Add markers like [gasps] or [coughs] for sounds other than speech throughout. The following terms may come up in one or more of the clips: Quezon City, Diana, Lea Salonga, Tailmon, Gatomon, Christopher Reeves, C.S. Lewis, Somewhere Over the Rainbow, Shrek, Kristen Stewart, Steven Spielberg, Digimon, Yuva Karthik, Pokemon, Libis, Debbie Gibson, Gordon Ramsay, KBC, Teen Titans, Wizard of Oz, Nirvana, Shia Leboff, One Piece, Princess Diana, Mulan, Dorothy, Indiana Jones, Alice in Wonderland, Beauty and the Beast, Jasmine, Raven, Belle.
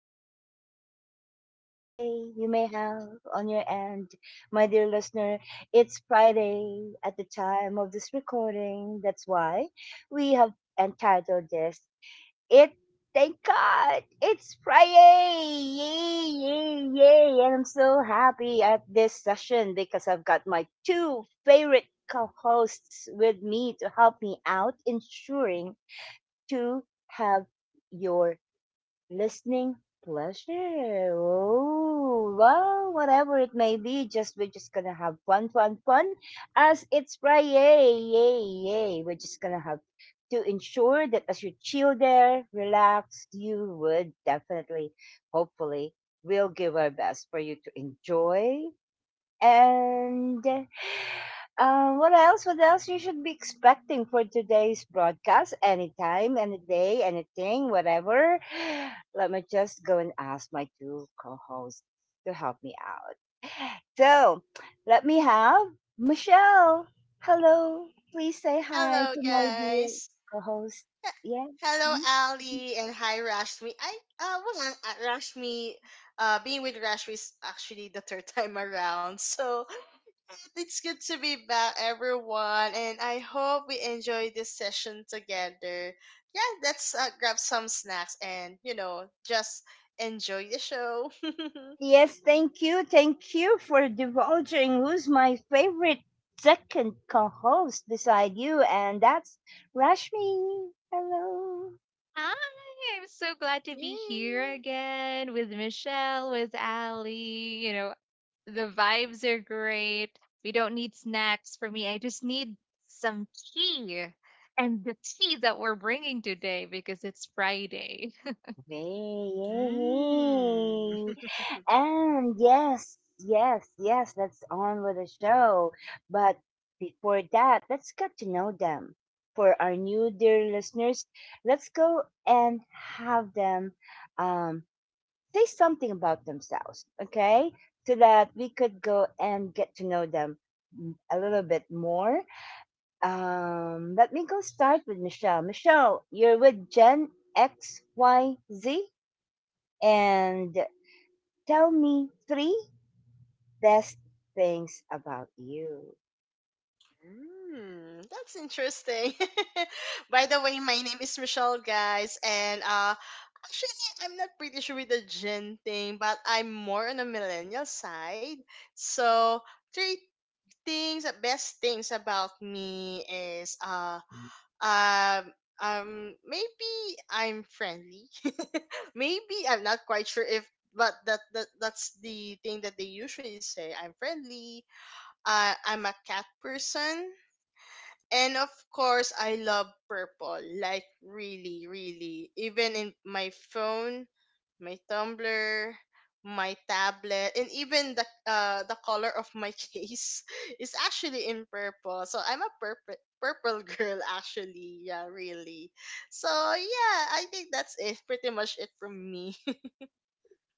Today, whatever day you may have on your end, my dear listener, it's Friday at the time of this recording. That's why we have entitled this It Thank God it's Friday. Yay, yay, yay. And I'm so happy at this session because I've got my two favorite co-hosts with me to help me out ensuring to have your listening pleasure. Oh, well, whatever it may be, just we're just gonna have fun, fun, fun, as it's Friday, yay, yay. We're just gonna have to ensure that as you chill there, relax, you would definitely, hopefully, we'll give our best for you to enjoy and what else? What else you should be expecting for today's broadcast? Anytime, any day, anything, whatever. Let me just go and ask my two co hosts to help me out. So let me have Michelle. Hello. Please say hi Hello, to my dear guys. co host. H- Yeah. Hello, Mm-hmm. Ali, and hi, Rashmi. Being with Rashmi is actually the third [laughs] time around, so it's good to be back, everyone. And I hope we enjoy this session together. Yeah, let's grab some snacks and just enjoy the show. [laughs] Yes, thank you. Thank you for divulging who's my favorite second co host beside you, and that's Rashmi. Hello. Hi, I'm so glad to be here Yeah. again with Michelle, with Ali. The vibes are great. We don't need snacks for me. I just need some tea. And the tea that we're bringing today because it's Friday. [laughs] Hey, hey, Mm. hey. And yes, yes, yes, let's on with the show. But before that, let's get to know them. For our new dear listeners, let's go and have them um, say something about themselves, okay? So that we could go and get to know them a little bit more. Let me go start with Michelle. Michelle, you're with Gen XYZ, and tell me three best things about you. Mm, that's interesting. [laughs] By the way, my name is Michelle, guys, and actually, I'm not pretty sure with the gen thing, but I'm more on the millennial side. So, three things, the best things about me is uh, um, um, maybe I'm friendly. [laughs] Maybe I'm not quite sure if. But that's the thing that they usually say. I'm friendly. I'm a cat person. And of course, I love purple. Like, really, really. Even in my phone, my Tumblr, my tablet, and even the color of my [laughs] case is actually in purple. So I'm a purple [laughs] girl actually. Yeah, really. So yeah, I think that's it. Pretty much it from me.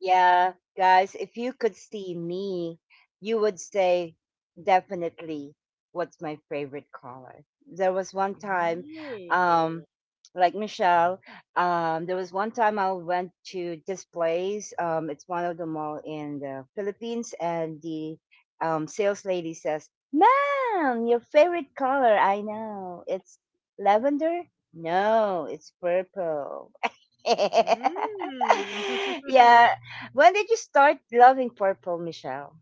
Yeah, guys, if you could see me, you would say definitely what's my favorite color. There was one [laughs] time, um, Ooh. like Michelle, there was one time I went to this place. It's one of the mall in the Philippines, and the sales lady says, "Ma'am, your favorite color? I know it's lavender. No, it's purple." [laughs] Mm. [laughs] yeah. When did you start loving purple, Michelle?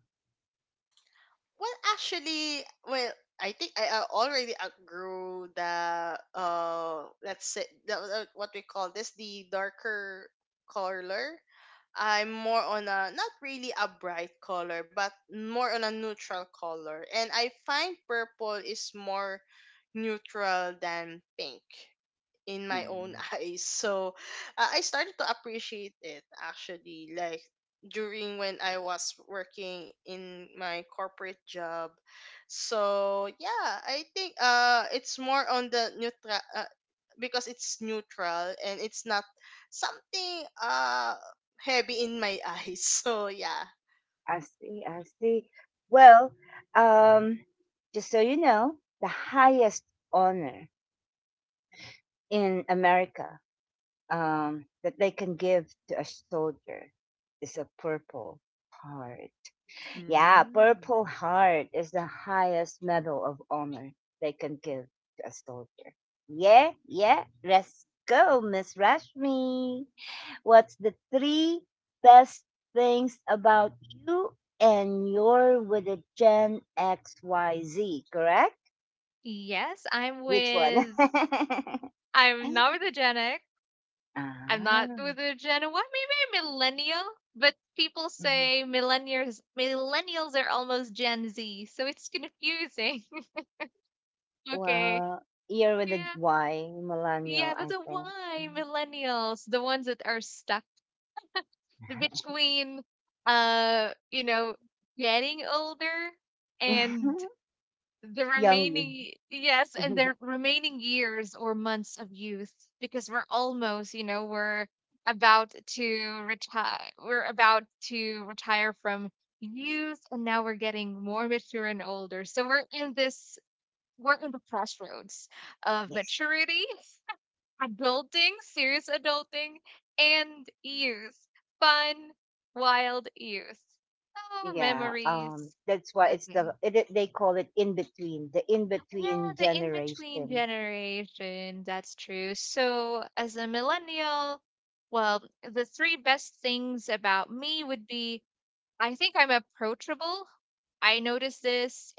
Well, actually, I think I already outgrew the, let's say what we call this, the darker color. I'm more on a not really a bright color, but more on a neutral color, and I find purple is more neutral than pink in my own Mm. [laughs] eyes. So I started to appreciate it actually, like during when I was working in my corporate job. So yeah, I think it's more on the neutral, because it's neutral and it's not something heavy in my eyes. [laughs] So yeah. I see, I see. Well, um, just so you know, the highest honor in America that they can give to a soldier is a Purple Heart. Yeah, Mm. Purple Heart is the highest medal of honor they can give to a soldier. Yeah, yeah, let's go, Miss Rashmi. What's the three best things about you, and you're with a Gen XYZ, correct? Yes, Which one? [laughs] I'm not with a Gen X. I'm not ah, with a Gen, what, maybe a millennial? But people mhm. say millennials are almost Gen Z, so it's confusing. [laughs] Okay. Well, you're with a Yeah. Y, Yeah, millennial, but I the think. why millennials, the ones that are stuck between uh, you know, getting older Mhm. and [laughs] Young you. [laughs] The remaining years or months of youth because we're almost, we're about to retire about to retire from youth, and now we're getting more mature and older. So we're in the crossroads of Yes. maturity, adulting, serious adulting, and years. Fun, wild years. Oh, Yeah, memories. that's why it's Okay. the it, it- they call it in Yeah, between the in between generation. generation. That's true. So, as a millennial, well, the three best things about me would be I think I'm approachable. I notice this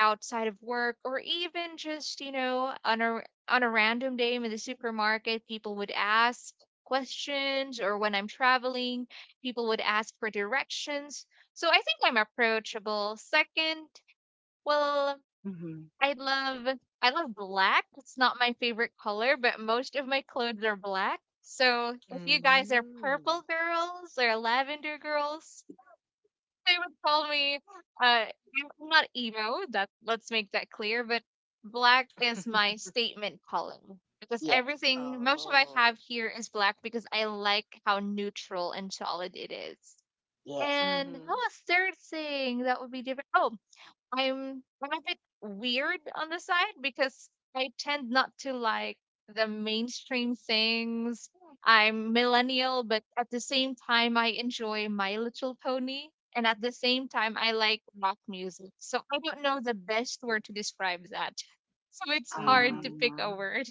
outside of work or even just, on a random day in the supermarket, people would ask questions, or when I'm traveling, people would ask for directions. So I think I'm approachable. Second, well, Mm-hmm. I love I love black. It's not my favorite color, but most of my clothes are black. So if you guys are Mm. purple girls or lavender girls, they would call me, I'm not emo, that let's make that clear, but black is [laughs] my statement color because Yes, everything, most of I Oh. have here is black because I like how neutral and solid it is. Oh. yes. And Mhm. oh, a third thing that would be different. Oh, I'm a bit weird on the side because I tend not to like the mainstream things. I'm millennial, but at the same time I enjoy My Little Pony, and at the same time I like rock music. So I don't know the best word to describe that. [laughs] So it's hard to Mhm. pick a Um, word.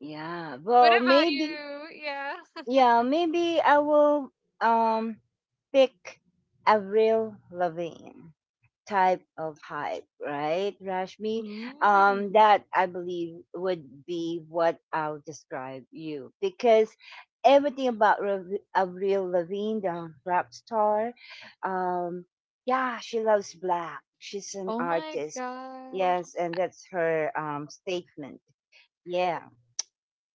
yeah. [laughs] What Well, about maybe. you? Yeah. Yeah, maybe I will um pick Avril Lavigne type of hype, right, [laughs] Rashmi? Ooh. That I believe would be what I'll describe you because everything about Avril Lavigne, the rap star, um, yeah, she loves black. She's an Oh my artist. gosh. Yes, and that's her statement. Yeah,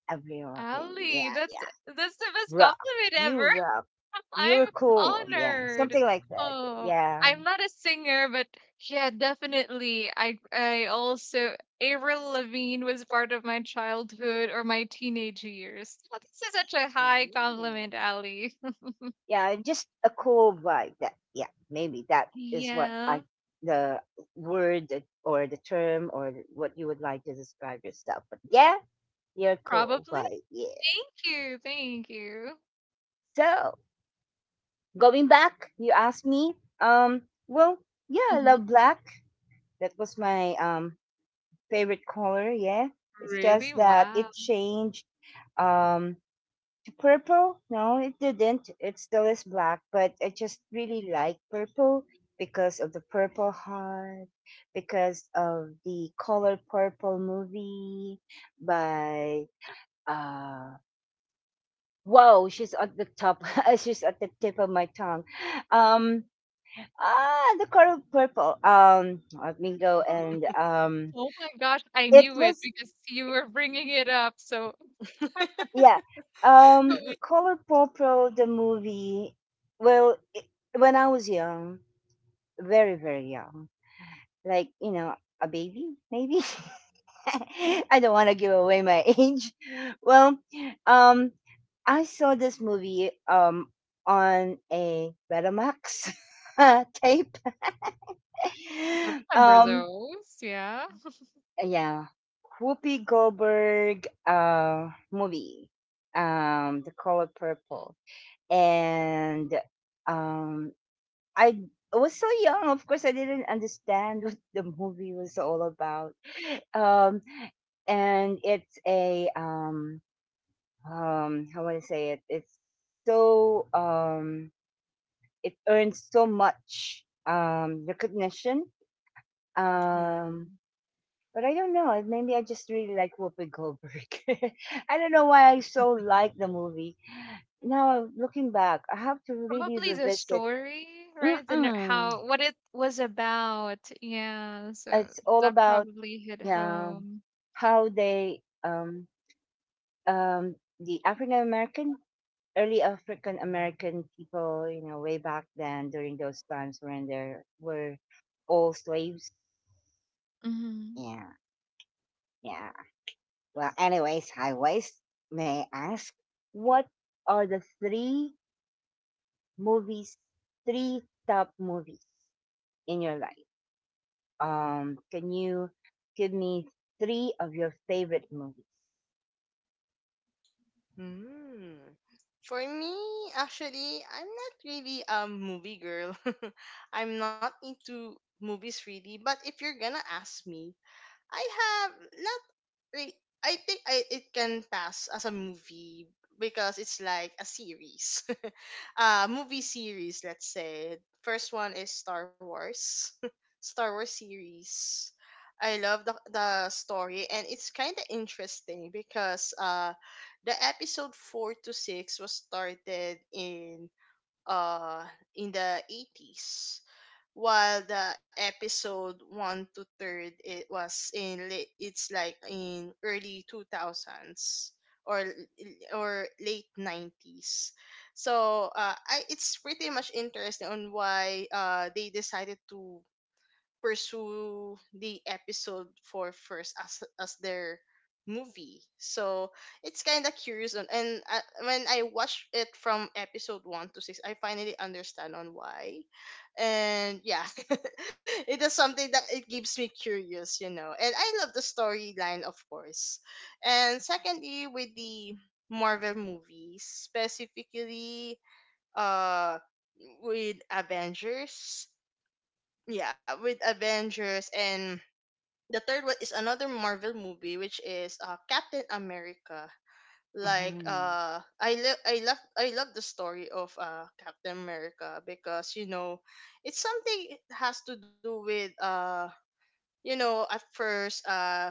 Avril Lavigne. Ali, Yeah, that's yeah. that's the best Rock. compliment You ever. rock. [laughs] I'm You're cool. Yeah, honored. something like that. Oh, Yeah, I'm not a singer, but yeah, definitely. I also Avril Lavigne was part of my childhood or my teenage years. Oh, this is such a high compliment, Ooh. Ali. [laughs] yeah, just a cool vibe. That yeah, maybe that is what Yeah, I the or the term or what you would like to describe yourself. But yeah, you're cool probably. vibe. Yeah. Thank you, thank you. So going back, you asked me. Um, well, yeah, I Hmm. love black. That was my favorite color. Yeah. It's Really? just that Wow. it changed. Um, purple? No, it didn't. It still is black, but I just really like purple because of the Purple Heart, because of the Color Purple movie by uh wow, she's at the top. [laughs] she's at the tip of my tongue. Um ah, the Color Purple. Let me go and Oh, oh my gosh, I it knew it was, because you were bringing it up. So yeah. [laughs] Um, I Color Purple the movie, well, it, when I was young, very very young, like you know, a baby maybe, [laughs] I don't want to give away my [laughs] age. Well, um I saw this movie on a Betamax [laughs] tape. [laughs] remember um those. Yeah. yeah, Whoopi Goldberg movie, the Color Purple. And um I was so young, of course I didn't understand [laughs] what the movie was all about. Um, and it's a how would I say it? It's so it earns so much recognition. Um, Mhm. but I don't know. Maybe I just really like Whoopi Goldberg. [laughs] I don't know why I so like the movie. Now looking back, I have to really Probably the revisit. story, right? Mm-mm. How what it was about. Yeah, so It's all that about probably hit yeah home. how they the African American, early African American people, you know, way back then during those times when there were all slaves. Hmm. Yeah, yeah. Well, anyways, high waist. May I ask what are the three movies, three top movies in your life? Can you give me three of your favorite movies? Hmm. For me, actually, I'm not really a movie girl. [laughs] I'm not into movies really, but if you're gonna ask me, I have not re- I think I it can pass as a movie because it's like a series. [laughs] Uh, movie series, let's say. First one is Star Wars. [laughs] Star Wars series. I love the story and it's kind of interesting because the episode 4 to 6 was started uh in the 80s, while the episode one to third, it was in late, it's like in early 2000s or late 90s. So I, it's pretty much interesting on why they decided to pursue the episode for first as their movie. So it's kind of curious on, and when I watched it from episode 1 to 6, I finally understand on why. And yeah, [laughs] it is something that it keeps me curious, you know. And I love the storyline, of course. And secondly, with the Marvel movies, specifically uh with Avengers, yeah, with Avengers, and the third one is another Marvel movie, which is Captain America. like Mhm. uh i lo- i love I love the story of Captain America, because you know, it's something, it has to do with, you know, at first,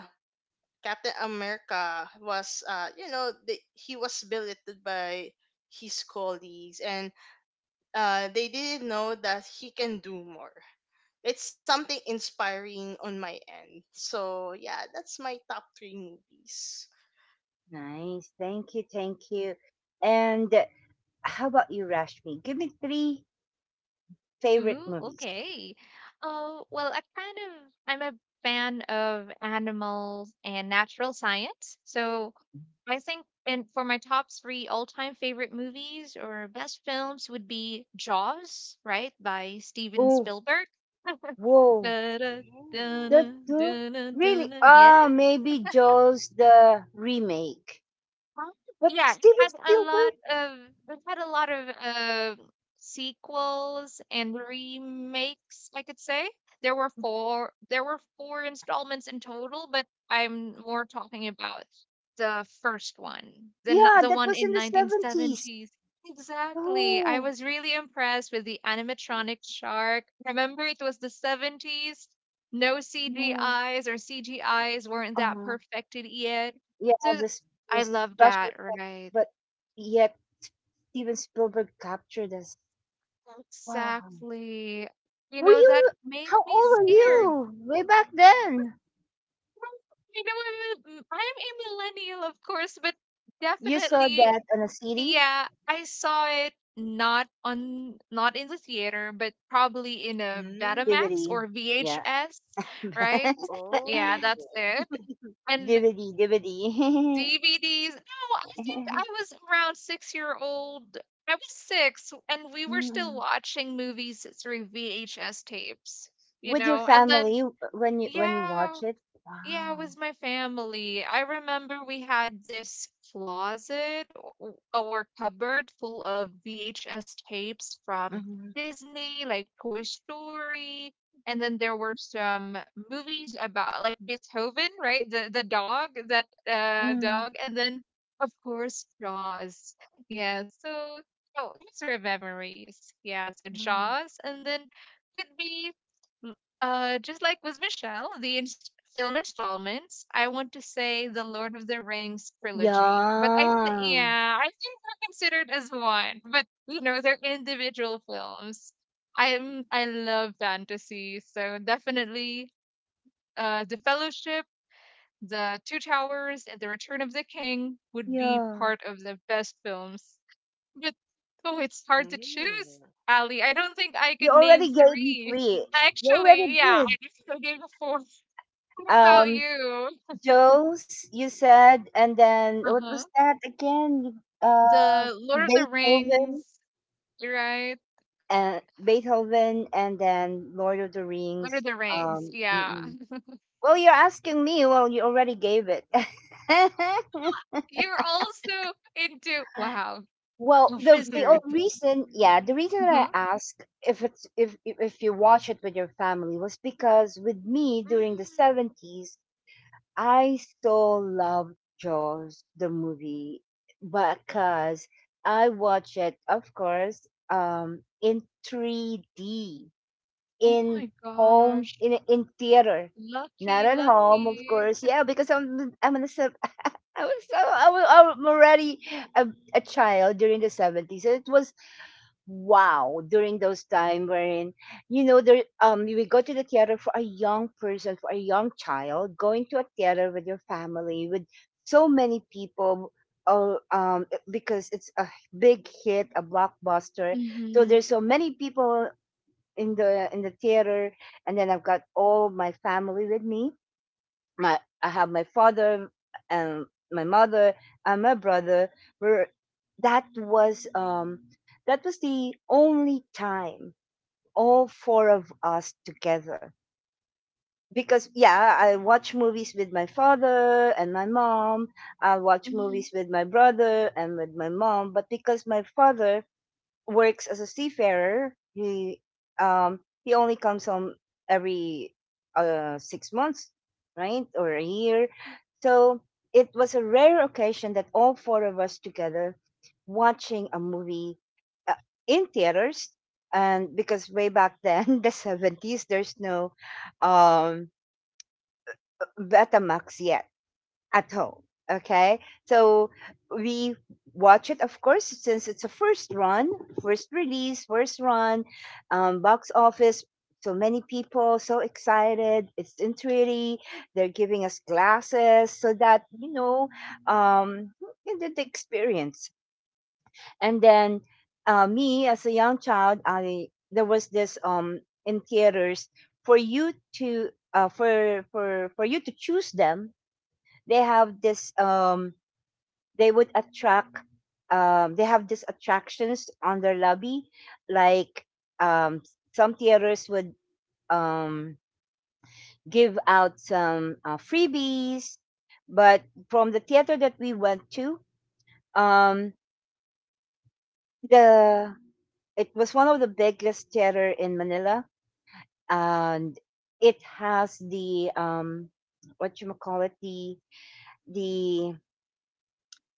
Captain America was, you know, he was belittled by his colleagues, and they didn't know that he can do more. It's something inspiring on my end. So yeah, that's my top three movies. Nice. Thank you. Thank you. And how about you, Rashmi? Give me three favorite Ooh, movies. okay. Oh, well, I'm a fan of animals and natural science. So I think, and for my top three all-time favorite movies or best films would be Jaws, right, by Steven Oh, Spielberg. whoa. Da-da, da-da, That Ooh. too? da-da, Really? da-da. Yeah. Ah, maybe Jaws the remake. Um, But yeah, it Steven had a lot Spielberg? of it had a lot of sequels and remakes, I could say. There were four installments in total, but I'm more talking about the first one, Yeah, the that one was in in the 70s. 1970s. Exactly. I Oh, was really impressed with the animatronic shark. Remember, it was the 70s. No, C G no. Is or C G Is weren't that Uh, perfected yet. yeah, So the, s- the I love special that, effects, right? but yet Steven Spielberg captured us. Wow. Exactly. Were That you, made how me old were scared. you way back then? Well, I'm a millennial, of course, but You saw definitely, that on a CD? yeah, I saw it not in the theater, but probably in a Betamax DVD. Mm. or Yeah. VHS, right? [laughs] Oh. Yeah, that's it. And DVD, DVD. DVDs. No, I think I [laughs] was around 6 year old. I was six, and we were still Mm. watching movies through VHS tapes, you With your know? And then, family w when you yeah. watch it? Yeah, it Wow. was my family. I remember we had this closet or cupboard full of VHS tapes from Mhm. Disney, like Toy Story, and then there were some movies about like Beethoven, right? The dog, that Mm. dog, and then of course Jaws. Yeah, so oh, those are memories. Yeah, so Mm. Jaws, and then could be. Just like with Michelle, film installments, I want to say the Lord of the Rings trilogy. But I think, Yeah. yeah, I think they're considered as one. But they're individual films. I love fantasy, so definitely, the Fellowship, the Two Towers, and the Return of the King would be Yeah. part of the best films. But oh, it's hard to choose, Mm. Ali. I don't think I You can name already gave me three. 3. You already Actually, yeah, I did. just gave a four. What about Um, you? Joe's, you said, and then what Uh-huh. was that again? The The Lord of the Beethoven Rings, right? and Beethoven and then Lord of the Lord of Rings. the Rings, yeah. Mm-mm. [laughs] Well, you're asking me. Well, you already gave it. [laughs] You're also into wow, Well, a wizard. Yeah, the reason I Uh-huh. ask if it's if you watch it with your family was because with me during the Mm. 70s, I still loved Jaws the movie because I watch it, of course, in 3D Oh in my gosh. In theater. Not Lucky, at home, of Oh. lucky. course. Yeah, because I'm [laughs] I was so I was, I'm already a, a child during the 70s. And it was wow during those time wherein, you know, there you would go to the theater, for a young person, for a young child going to a theater with your family with so many people. Oh because it's a big hit, a blockbuster, so Mm-hmm. there's so many people in the theater, and then I've got all my family with me. My I have my father and my mother and my brother were, that was um that was the only time all four of us together, because yeah, I watch movies with my father and my mom, I watch Mm-hmm. movies with my brother and with my mom, but because my father works as a seafarer. Um he only comes home every 6 months, right, or a year. So it was a rare occasion that all four of us together watching a movie uh, in theaters. And because way back then, [laughs] the seventies, there's no um, Betamax yet at home. Okay, so we watch it, of course, since it's a first run, first release, first run, box office. So many people, so excited. It's in 3D. They're giving us glasses so that, you know, um, you get the experience. And then me, as a young child, I, there was this in theaters for you to for you to choose them. They have this they would attract they have these attractions on their lobby like um, some theaters would um, give out some freebies, but from the theater that we went to, um, the it was one of the biggest theater in Manila, and it has the what you call it, the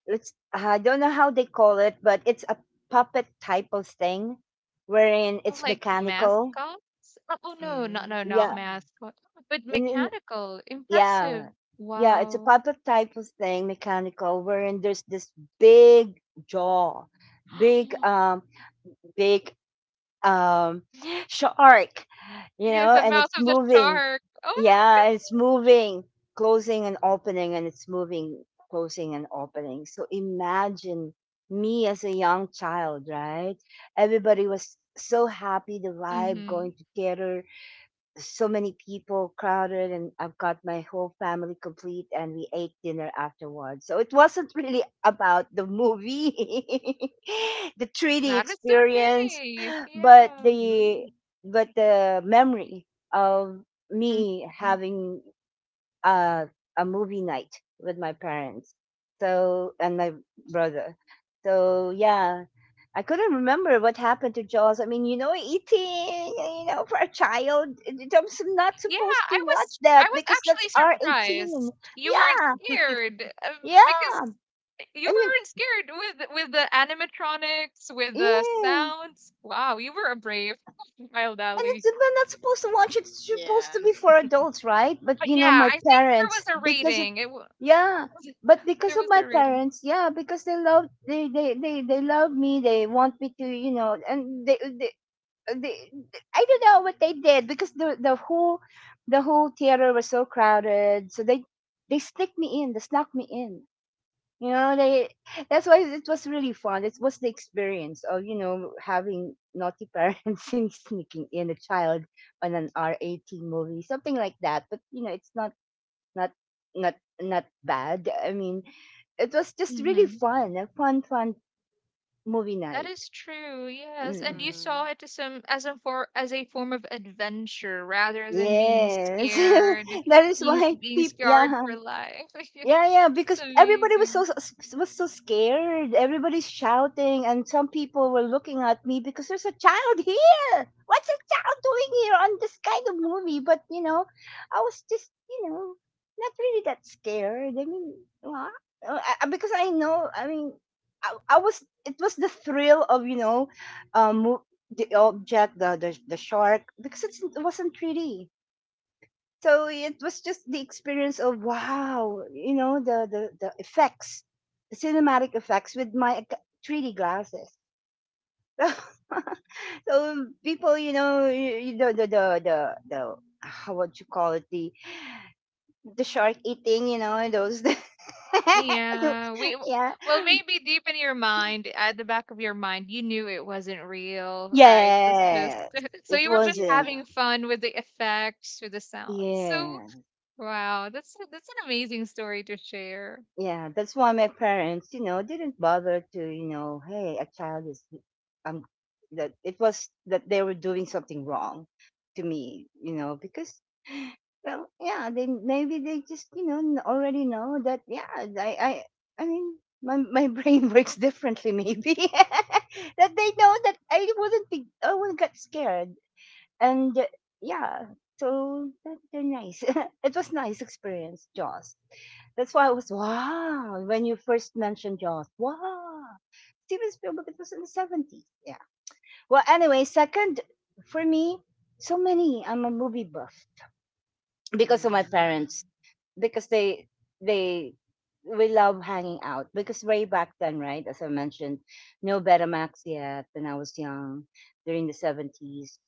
let's, I don't know how they call it, but it's a puppet type of thing wherein it's Like mechanical. mascots? Oh, oh no, not no, not Yeah. Mm. mascot. But And, and- mechanical. Impressive. yeah. Yeah, it's a Wow. puppet type of thing, mechanical, wherein there's this big jaw, big [gasps] big um shark, you Yeah, know, the and it's mouth of the moving. shark. Oh Yeah, it's moving, closing and opening, and it's moving, closing and opening. So imagine me as a young child, right, everybody was so happy, the my god. vibe Mm-hmm. going together, so many people crowded, and I've got my whole family complete, and we ate dinner afterwards. So it wasn't really about the movie, [laughs] the 3d That is experience, okay. but Yeah. Mm. the but the memory of me Mhm. having uh, a movie night with my parents, so, and my brother. So yeah, I couldn't remember what happened to Jaws. I mean, you know, eating, you know, for a child, I'm not Yeah, supposed I to watch was that I was because that's actually R18. surprised. You weren't Yeah, scared um, because yeah. you and you, weren't scared with the animatronics, with the yeah. sounds. Wow, you were a brave [laughs] wild And it's, alley. we're not supposed to watch it. It's Yeah. supposed to be for adults, right? But But you know, yeah, my I think there was parents, a because it, rating. It was. yeah, but [laughs] because There of was a my rating. parents, yeah, because they love, they love me. They want me to, you know, and they, I don't know what they did because the whole theater was so crowded. So they sneaked me in. They snuck me in. You know, they, that's why it was really fun. It was the experience of, you know, having naughty parents [laughs] and sneaking in a child on an R18 movie, something like that. But, you know, it's not, not, not, not bad. I mean, it was just really fun, a fun movie That night. is true, yes. Mm. And you Mm. saw it as a form of adventure rather than being Yes. scared, [laughs] That is why being people, scarred yeah. for life, [laughs] which Yeah, yeah, is because everybody was amazing. So scared. Everybody's shouting, and some people were looking at me because there's a child [laughs] here. What's a child doing here on this kind of movie? But you know, I was just you know not really that scared. I mean, wha- because I know. I mean, I was. It was the thrill of you know, um, mo- the object, the shark. Because it wasn't 3D. So it was just the experience of wow, you know, the effects, the cinematic effects with my 3D glasses. [laughs] So people, you know, you know the how what you call it the shark eating, you know, those. [laughs] Yeah. Yeah, we Yeah, well maybe deep in your mind, at the back of your mind, you knew it wasn't real, right? It was just, yes, [laughs] so it you were just wasn't. Yeah. having fun with the effects, with the sounds. So Yeah. wow, that's an amazing story to share. Yeah, that's why my parents, you know, didn't bother to, you know, hey, a child is, um, that it was that they were doing something wrong to me, you know, because well, yeah, they maybe they just, you know, already know that. Yeah, I mean, my brain [laughs] works differently, maybe [laughs] that they know that I wouldn't be, I wouldn't get scared and yeah so that, they're nice. [laughs] It was nice experience Jaws. That's why I was wow when you first mentioned Jaws. Wow, Steven Spielberg. It was in the 70s. Yeah, well anyway, second for me, so many. I'm a movie buff because of my Mm. parents, because they we love hanging out because way back then, right? As I mentioned, no Betamax yet when I was young, during the 70s.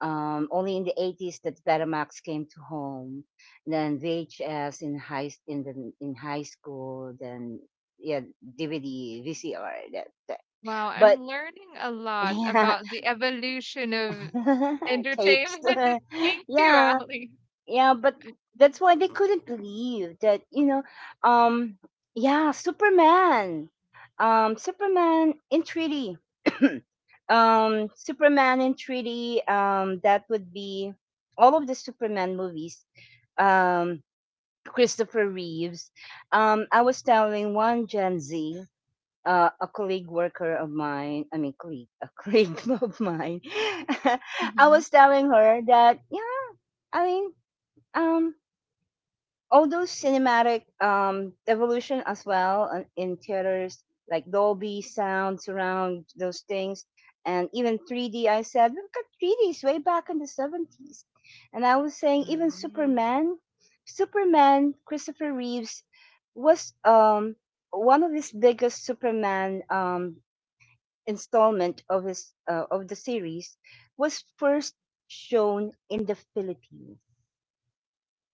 Only in the 80s that Betamax came to home. Then VHS in high school. Then yeah, DVD, VCR. That, that. Wow, But I'm learning a [laughs] lot yeah, about the evolution of [laughs] tapes. entertainment. [laughs] [laughs] Thank you, Yeah, Ali. yeah, but that's why they couldn't believe that you know um yeah Superman. Superman in 3D. [coughs] [clears throat] Superman in 3D. That would be all of the Superman movies. um Christopher Reeves. I was telling one Gen Z, a colleague worker of mine I mean colleague a colleague [laughs] of mine. [laughs] I Mm-hmm. was telling her that, yeah, I mean, um although cinematic evolution as well and in theaters like Dolby sound surround, those things, and even 3D. I said, look at 3Ds way back in the 70s. And I was saying even Mm. Superman, Superman Christopher Reeves was one of his biggest Superman installment of his of the series, was first shown in the Philippines.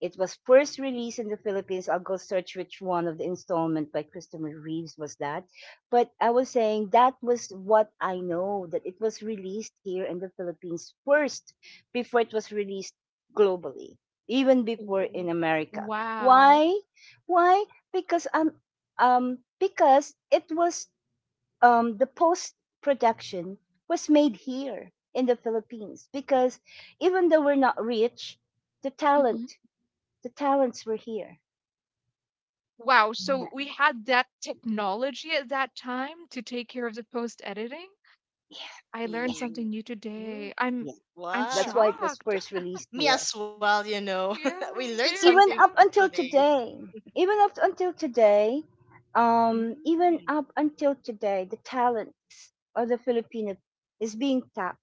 It was first released in the Philippines. I'll go search which one of the installment by Christopher Reeves was that. But I was saying that was what I know, that it was released here in the Philippines first before it was released globally, even before Mm. in America. Wow. Why? Why? Because um because it was the post production was made here in the Philippines because even though we're not rich, the Mm-hmm. talent the talents were here. Wow. Yeah, So we had that technology at that time to take care of the post editing. yeah, I learned yeah. something Mm. new today. Mm. I'm Yeah. I'm That's Wow. why it was shocked. first [laughs] released Me here. as well, you know. [laughs] We Yeah, learned very Even something up from shocked. until today. today, even up until today, Even Mm. up until today, the talent of the Filipino is being tapped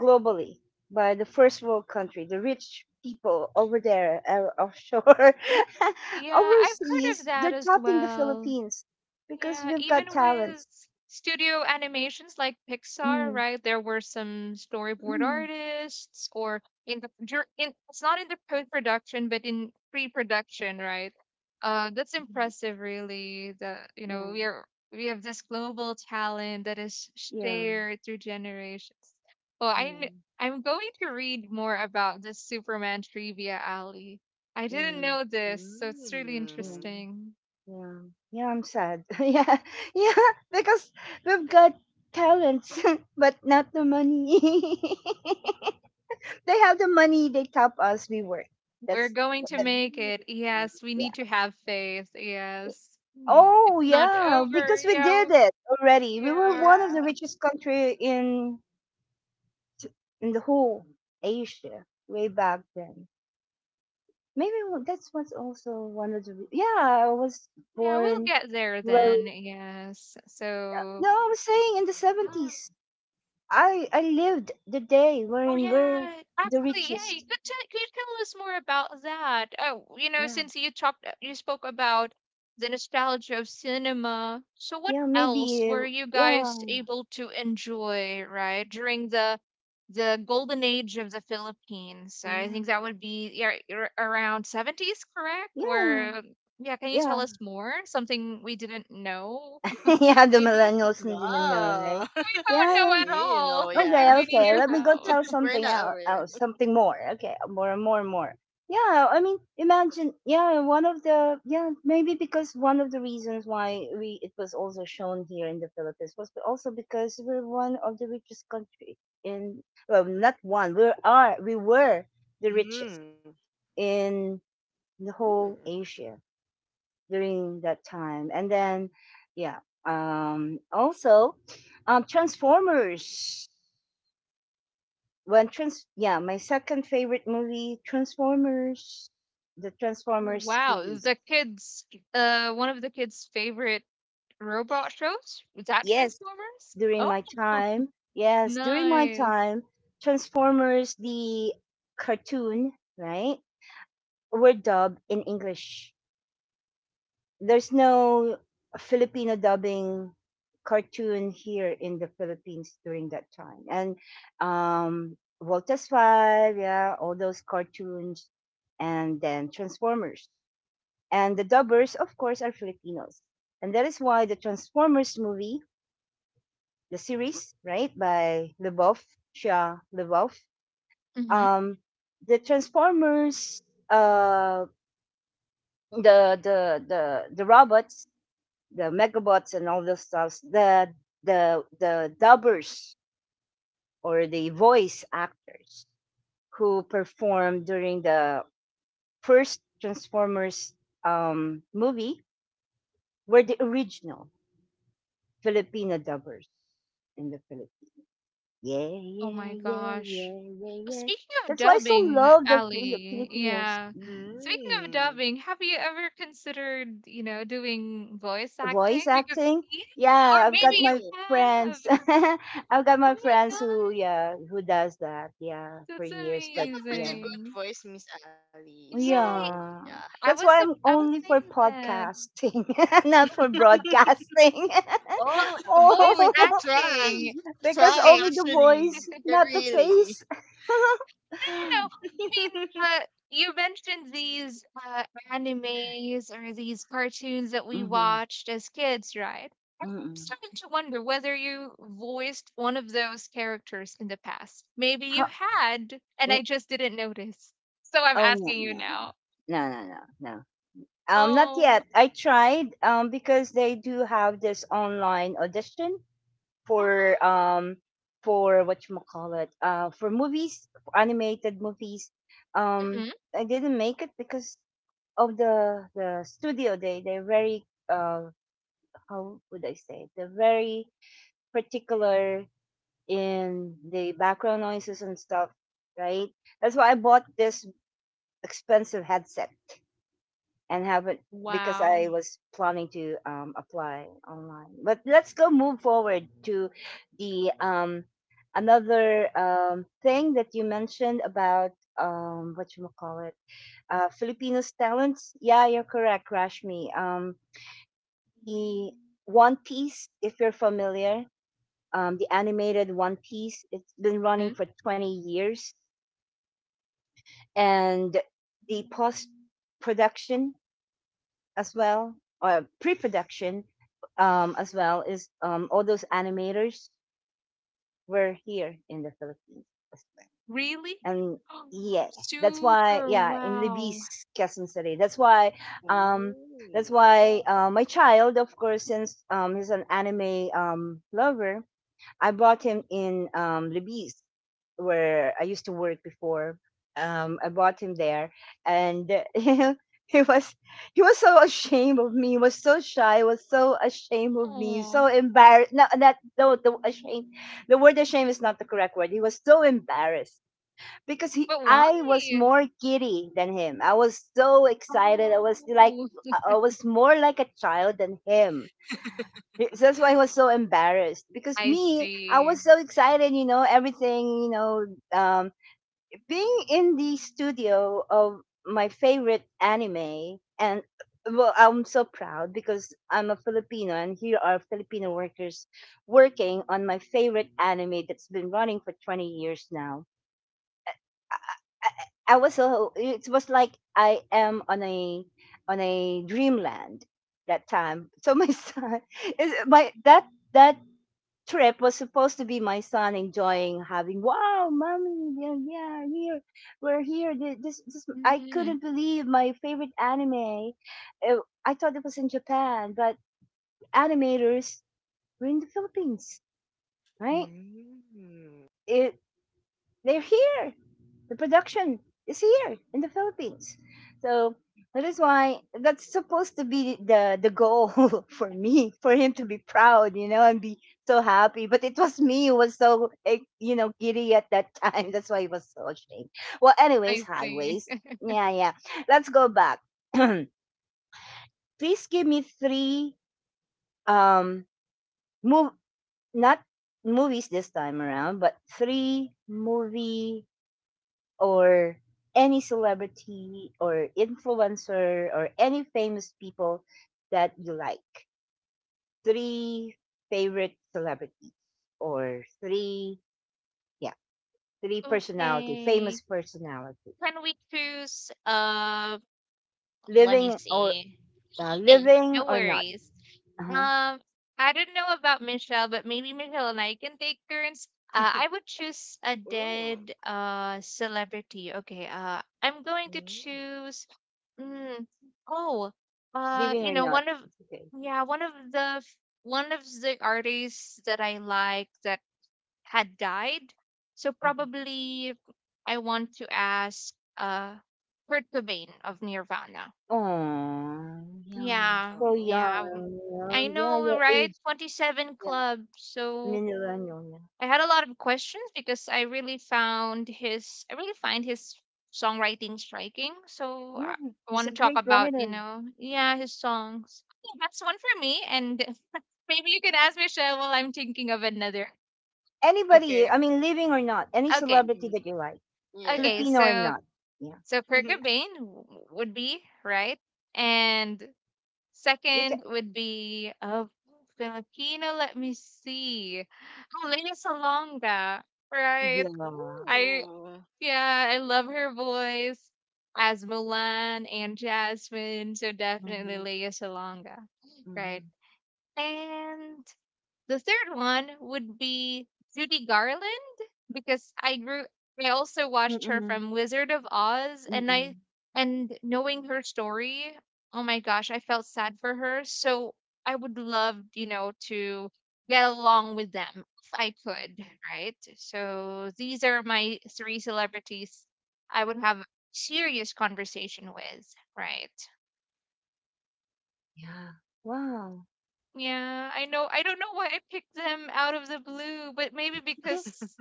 globally by the first world country, the rich people over there offshore, [laughs] Yeah, I've heard of overseas. They're that as tapping the well. Philippines because Yeah, we've got even talents. with studio animations like Pixar, Mm, right? There were some storyboard mm, artists, or in the dur- in it's not in the post-production but in pre-production, right? That's mm. impressive really. The you yeah, know, we are we have this global talent that is yeah, shared through generations. Well, yeah, I'm going to read more about this Superman trivia, Ali. I yeah. didn't know this, so it's really Mm. Mm, interesting. yeah, yeah, I'm sad. [laughs] Yeah, yeah, because we've got talents, [laughs] but not the money. [laughs] They have the money. They top us. We work. We're That's going to that- make Mm. it. Yes, we yeah. need to have faith. Yes. It's Oh not yeah, over. because we Yeah. did it already. We were Yeah. Yeah. one of the richest country in the whole Asia way back then. Maybe that's what's also one of the yeah. I was Yeah, we'll born. get there Where, then. Yes. So, no, I was saying in the um, seventies. I lived the day oh when we're yeah, the actually, yeah. You richest. could tell, could you tell us more about that? Oh, Yeah, since you spoke about the nostalgia of cinema. So, what yeah, else maybe. were you Yeah, guys able to enjoy, right, during the golden age of the Philippines? I yeah, think that would be, yeah, around seventies, correct? yeah, Where yeah, can you tell yeah. us more? Something we didn't know, [laughs] Yeah, the maybe? [laughs] millennials who didn't know, right? Wow. [laughs] We don't Yeah, know yeah. at You all. know, [laughs] Okay, yeah. We need okay. your Let me go help. tell [laughs] We're something not else, aware. Something more. Okay, more and more and more. Yeah, I mean, imagine. Yeah, one of the yeah maybe because one of the reasons why we it was also shown here in the Philippines was also because we're one of the richest country in well not one we are we were the richest Mm. in the whole Mm. Asia during that time. And then yeah also Transformers. When trans Yeah, my second favorite movie, Transformers, the Transformers Wow, is series. the kids one of the kids' favorite robot shows? Was that Yes, Transformers? during Oh, my [laughs] time. Yes, during my nice. time. Transformers the cartoon, right, were dubbed in English. There's no Filipino dubbing cartoon here in the Philippines during that time. And um Voltas 5, yeah, all those cartoons, and then Transformers. And the dubbers, of course, are Filipinos. And that is why the Transformers movie, the series, right, by Leboff, Shia Leboff, Hmm. um, the Transformers, uh, the robots, the Megabots, and all those stuff, the dubbers or the voice actors who performed during the first Transformers movie were the original Filipino dubbers in the Philippines. Yeah, Oh yeah, my yeah, gosh. yeah, yeah, yeah. Speaking of That's why I so dubbing, love the Ali, Filipinos. yeah. Mhm. Speaking of Mm. dubbing, have you ever considered, doing voice Voice acting? Because acting. yeah, or Yeah, I've maybe got you my Oh. have. friends. [laughs] I've Oh got my my friends who, gosh, yeah, who does that. Yeah, for that's years. You But have a yeah. pretty good amazing. voice, Miss Ali. So, Yay. Yeah. yeah. That's why I'm I was only for saying that. podcasting, [laughs] not for [laughs] [laughs] broadcasting. Oh, Well, [laughs] [laughs] oh, voice we could Oh, try. acting. We [laughs] could because try, Okay. only the actually. voice, Yeah, [laughs] not the really. face. [laughs] No, no. You mean, [laughs] uh, you mentioned these animes or these cartoons that we Mm-hmm, watched as kids, right? mm-hmm. Starting to wonder whether you voiced one of those characters in the past. Maybe you How, had, and mm, I just didn't notice. So I'm oh, no, asking you no, no. now. No, no, no, no. Not Oh. yet. I tried because they do have this online audition for um for what you call it, for movies, for animated movies. um Hmm. I didn't make it because of the studio. They're very uh how would I say it? They're very particular in the background noises and stuff, right? That's why I bought this expensive headset and haven't, because Wow. I was planning to apply online. But let's go move forward to the another thing that you mentioned about, what you call it, Filipinos talents. Yeah, you're correct, Rashmi. The One Piece, if you're familiar, the animated One Piece, it's been running Hmm. for 20 years, and the post production as well, or pre-production as well is all those animators were here in the Philippines as well. Really? And Oh, yeah, that's why super yeah in wow. Libis, Quezon City. That's why um, Ooh, wow. My child, of course, since he's an anime lover, I bought him in Libis, where I used to work before. I bought him there, and [laughs] he was he was so ashamed of me. He was so shy. He was so ashamed of me. Oh. So embarrassed. No, that no, the ashamed. The word ashamed is not the correct word. He was so embarrassed because he But why? I was more giddy than him. I was so excited. I was like Oh, I was more like a child than him. That's why I was so embarrassed because I me, I see. was so excited, you know, everything, you know, um, being in the studio of my favorite anime, and well, I'm so proud because I'm a Filipino, and here are Filipino workers working on my favorite anime that's been running for 20 years now. I I was so it was like I am on a dreamland that time. So my [laughs] son is my that trip was supposed to be my son enjoying having wow mommy yeah, yeah here we're here. This I Mhm, couldn't believe my favorite anime. Uh, I thought it was in Japan but animators were in the Philippines, right? Mm. it, they're here. The production is here in the Philippines. So that is why that's supposed to be the goal [laughs] for me, for him to be proud, you know, and be so happy. But it was me who was so eh, you know, giddy at that time. [laughs] That's why he was so ashamed. Well, anyways, I see. highways. [laughs] Yeah, yeah. Let's go back. [clears throat] Please give me three um move not movies this time around, but three movie or any celebrity or influencer or any famous people that you like. Three favorite celebrities or yeah, three personality, Okay. famous personality, Can we choose let me living or see. Okay, living no or not, worries. uh-huh. Um, I don't know about Michelle, but maybe Michelle and I can take turns. I would choose a Oh. dead celebrity. Okay, I'm going to Mm. choose. Mm, oh, uh, Living you or know, not. one of It's okay. yeah, one of the f- one of the artists that I like that had died. So Mhm. probably I want to ask Kurt Cobain of Nirvana. Oh, yeah, Yeah, so yeah. Oh. Young. I Yeah, yeah, know, your right? age, 27 yeah, Club. So millennial. I had a lot of questions because I really find his songwriting striking. So Yeah, I yeah he's want a to talk great about, writer. Yeah, his songs. Yeah, that's one for me. And [laughs] maybe you can ask Michelle while I'm thinking of another. Anybody, Okay. I mean, living or not, any Okay. celebrity Hmm. that you like, Okay. Yeah. Filipino or So, not. Yeah. Kurt [laughs] Cobain would be, right? And You can, second would be of Filipino. Let me see. Oh, Salonga, right? yeah. I Ooh. yeah, I love her voice as Mulan and Jasmine. So definitely Mm-hmm. Lea Salonga, right? Mm-hmm. And the third one would be Judy Garland because I also watched her Mm-hmm. from Wizard of Oz, and Mm-hmm. I and knowing her story, oh my gosh, I felt sad for her. So I would love, to get along with them if I could, right? So these are my three celebrities I would have serious conversation with, right? Yeah. Wow. Yeah, I know. I don't know why I picked them out of the blue, but maybe Mhm. because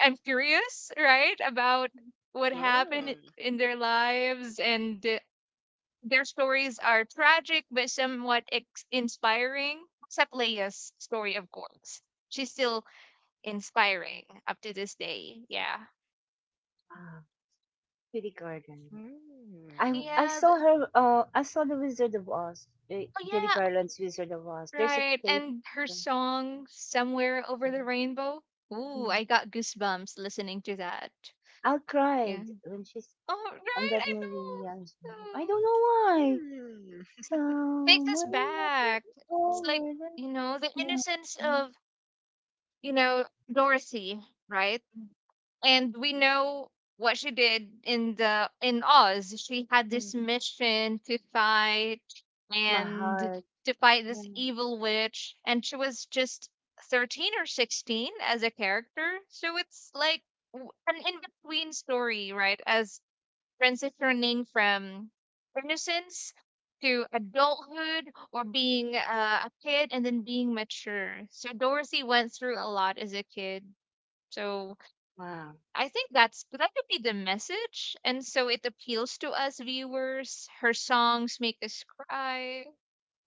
I'm curious, right, about what happened [laughs] in their lives and their stories are tragic but somewhat inspiring. Except Leia's story, of course. She's still inspiring up to this day. Yeah. Wow. Judy Garland. Mm. Mm. I Yeah. saw th- her. I saw the Wizard of Oz. Oh, Judy yeah. Garland's Wizard of Oz. There's a Right. tape. And her uh, song, Somewhere Over the Rainbow. Ooh, mm. I got goosebumps listening to that. I Yeah. cried when she's Oh, on right, that I movie. know. I don't Um, know why. Mm. Take this Somewhere back. It's like, over the the innocence of, you know, Dorothy, right? Mm, And we know what she did in the in Oz. She had this mm. mission to fight My and heart. to fight Yeah. this evil witch, and she was just 13 or 16 as a character. So it's like an in-between story, right? As transitioning from innocence to adulthood or being a kid and then being mature. So Dorothy went through a lot as a kid. So Wow. I think that could be the message, and so it appeals to us viewers. Her songs make us cry.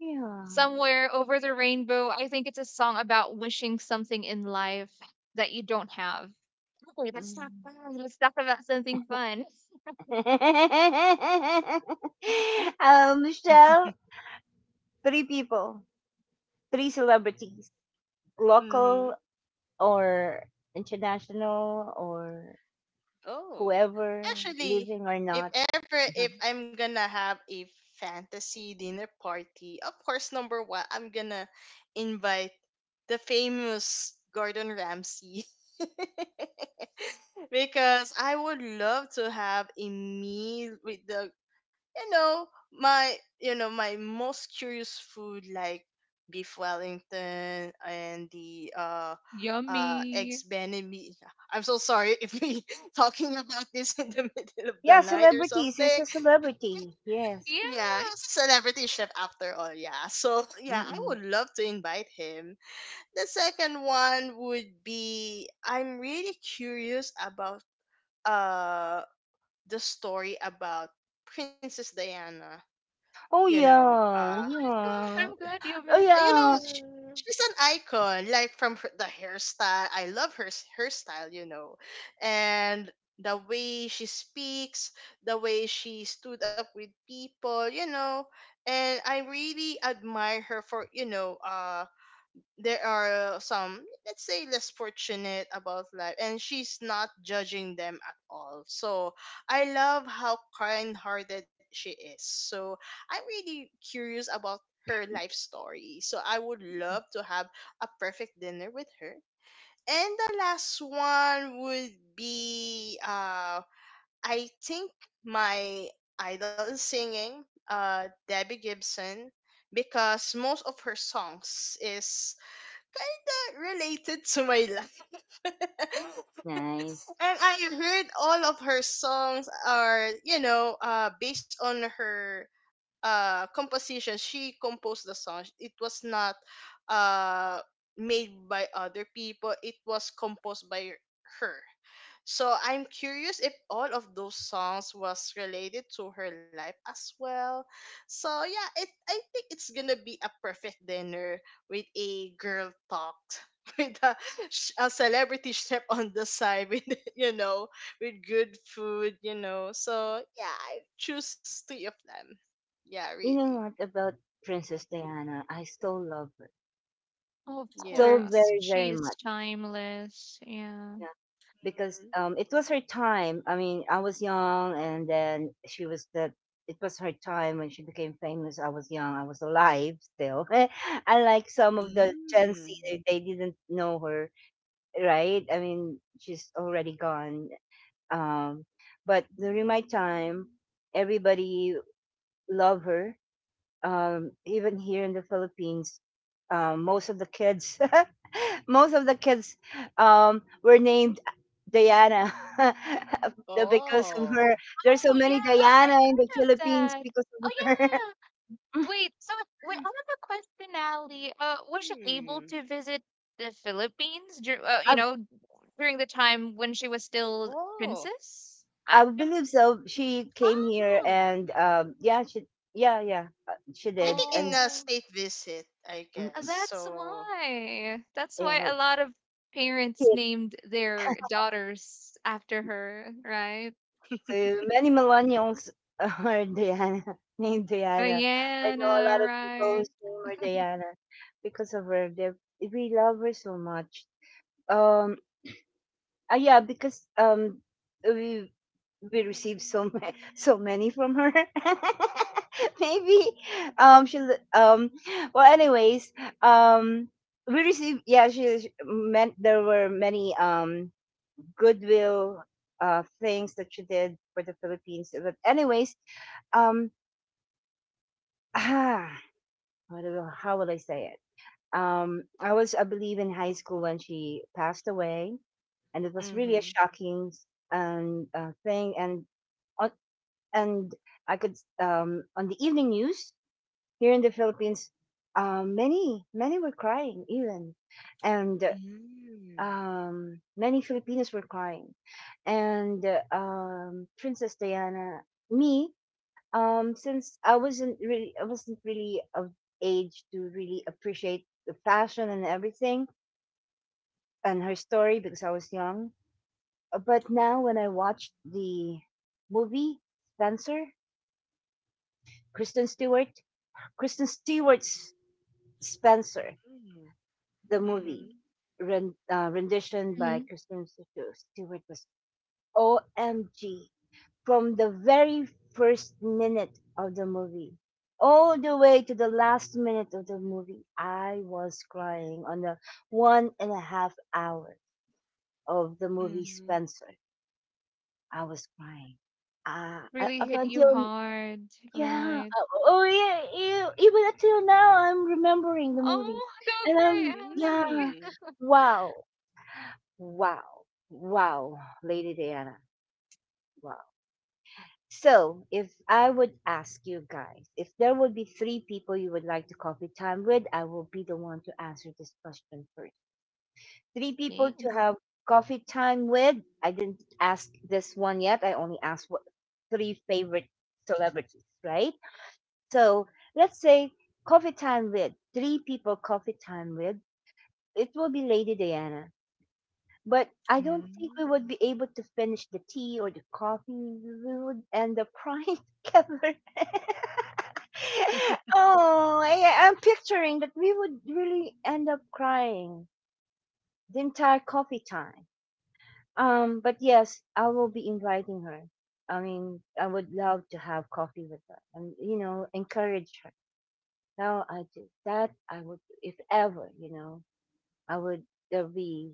Yeah. Somewhere over the rainbow, I think it's a song about wishing something in life that you don't have. Okay, let's talk Mm. fun. Let's talk about something fun. [laughs] Michelle, three people, three celebrities, local Mhm. or international or Oh. whoever, Actually, living or if not. ever, if Mhm. I'm gonna have a fantasy dinner party, of course number one, I'm gonna invite the famous Gordon Ramsay. [laughs] Because I would love to have a meal with the, you know, my, you know, my most curious food like beef Wellington and the Yummy. eggs Benedict. I'm so sorry if we talking [laughs] about this in the [laughs] middle of the Yeah, night or celebrities. It's a something. celebrity. Yes. Yeah, he's Yeah. a celebrity chef after all. Yeah, so yeah, I would Mm-mm. love to invite him. The second one would be, I'm really curious about uh the story about Princess Diana. You Oh know, yeah, Oh my God, yeah. I'm glad you Oh eh, you mentioned know, yeah. Her. she's an icon. Like from her, the hairstyle, I love her hairstyle. You know, and the way she speaks, the way she stood up with people. You know, and I really admire her for, you know, there are some, let's say, less fortunate about life, and she's not judging them at all. So I love how kind-hearted she is. So I'm really curious about her life story, so I would love to have a perfect dinner with her. And the last one would be I think my idol in singing, Debbie Gibson, because most of her songs is kinda related to my life. [laughs] Nice. And I heard all of her songs are, you know, based on her composition. She composed the song. It was not uh, made by other people. It was composed by her. So I'm curious if all of those songs was related to her life as well. So yeah, it, I think it's gonna be a perfect dinner with a girl talk [laughs] with a, a celebrity [laughs] chef on the side with [laughs] you know, with good food, you know. So yeah, I choose three of them. Yeah, You know really. what about Princess Diana? I still love Of so Yeah. course, very she very is much, timeless. Yeah. yeah, because it was her time. I mean, I was young, and then she was the, it was her time when she became famous. I was young, I was alive still. [laughs] unlike some of the Mm. Gen Z, Mm. they didn't know her, right? I mean, she's already gone. um but during my time, everybody loved her, even here in the Philippines. Most of the kids, [laughs] most of the kids were named Diana [laughs] the- because of her. Oh. There's so Oh many yeah, Diana I've in the heard of Philippines that. because of Oh her. yeah. [laughs] Wait, so wait, I have a question, Ally. Was she able Hmm. to visit the Philippines dur I, during the time when she was still Oh. princess? I believe so. She came Ah, here Hmm. and, yeah, she yeah yeah she I think did. in And a oh. state visit, I guess. mm, That's So, why. That's you why a know, lot of parents kids, named their daughters after her, right? Many millennials [laughs] are Diana, named Diana. I know a Diana, lot of people right? whose name are Diana because of her. They, we love her so much. Um, yeah, because we we received [laughs] so many from her. [laughs] Maybe she'll well, anyways, um we received, yeah, she meant there were many goodwill things that she did for the Philippines. But anyways, um [sighs] ah what how will I say it? I was, I believe, in high school when she passed away, and it was really a mm-hmm. shocking, thing. And on, and I could, on the evening news here in the Philippines, many many were crying even, and Mm-hmm. Many Filipinos were crying, and Princess Diana, me, since I wasn't really of age to really appreciate the fashion and everything and her story, because I was young. But Oh. now when I watched the movie Spencer, Kristen Stewart, Kristen Stewart's Spencer, the movie Mm-hmm. Rendition by Mhm. Kristen Stewart was OMG. From the very first minute of the movie all the way to the last minute of the movie, I was crying on the 1.5 hour of the movie Mm-hmm. Spencer. I was crying. Uh, Really Up hit you until, hard, yeah. right? Oh, oh yeah, ew, even until now, I'm remembering the movie. Oh, go And Grey I'm, yeah. Alley. Mm-hmm. Wow. Wow. Wow. Lady Diana. Wow. So, if I would ask you guys, if there would be three people you would like to coffee time with, I will be the one to answer this question first. Three people Yeah. to have coffee time with. I didn't ask this one yet. I only asked what three favorite celebrities, right? So let's say coffee time with, three people coffee time with, it will be Lady Diana. But I don't think we would be able to finish the tea or the coffee. We would end up crying [laughs] together. [laughs] oh, I'm picturing that we would really end up crying the entire coffee time. But yes, I will be inviting her. I mean, I would love to have coffee with her and, you know, encourage her. No, I just, that I would, if ever, you know, I would, there'd be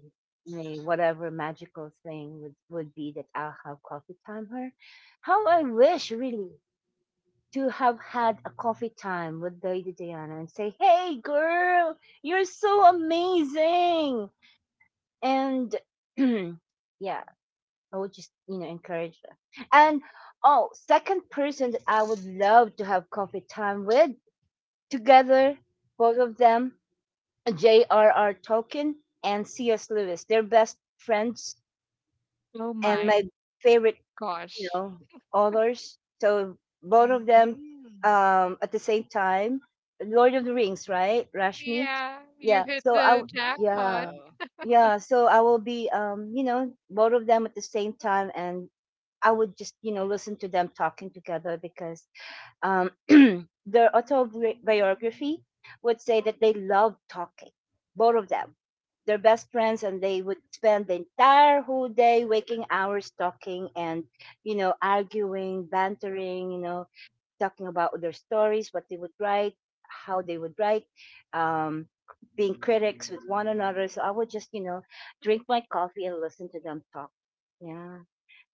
a whatever magical thing would be, that I'll have coffee time her. How I wish really to have had a coffee time with Lady Diana and say, hey girl, you're so amazing. And [clears throat] yeah, I would just, you know, encourage her. And oh, second person that I would love to have coffee time with together, both of them, J.R.R. Tolkien and C.S. Lewis. They're best friends Oh and my my favorite, you gosh. know, authors. So both of them, Mm-hmm. At the same time. Lord of the Rings, right? Rashmi. Yeah, you Yeah. hit So the jackpot. yeah, Wow. yeah. So I will be, you know, both of them at the same time, and I would just, you know, listen to them talking together because um, [clears throat] their autobiography would say that they loved talking, both of them. They're best friends, and they would spend the entire whole day, waking hours, talking and, you know, arguing, bantering, you know, talking about their stories, what they would write, how they would write, um, being critics with one another. So I would just, you know, drink my coffee and listen to them talk. Yeah.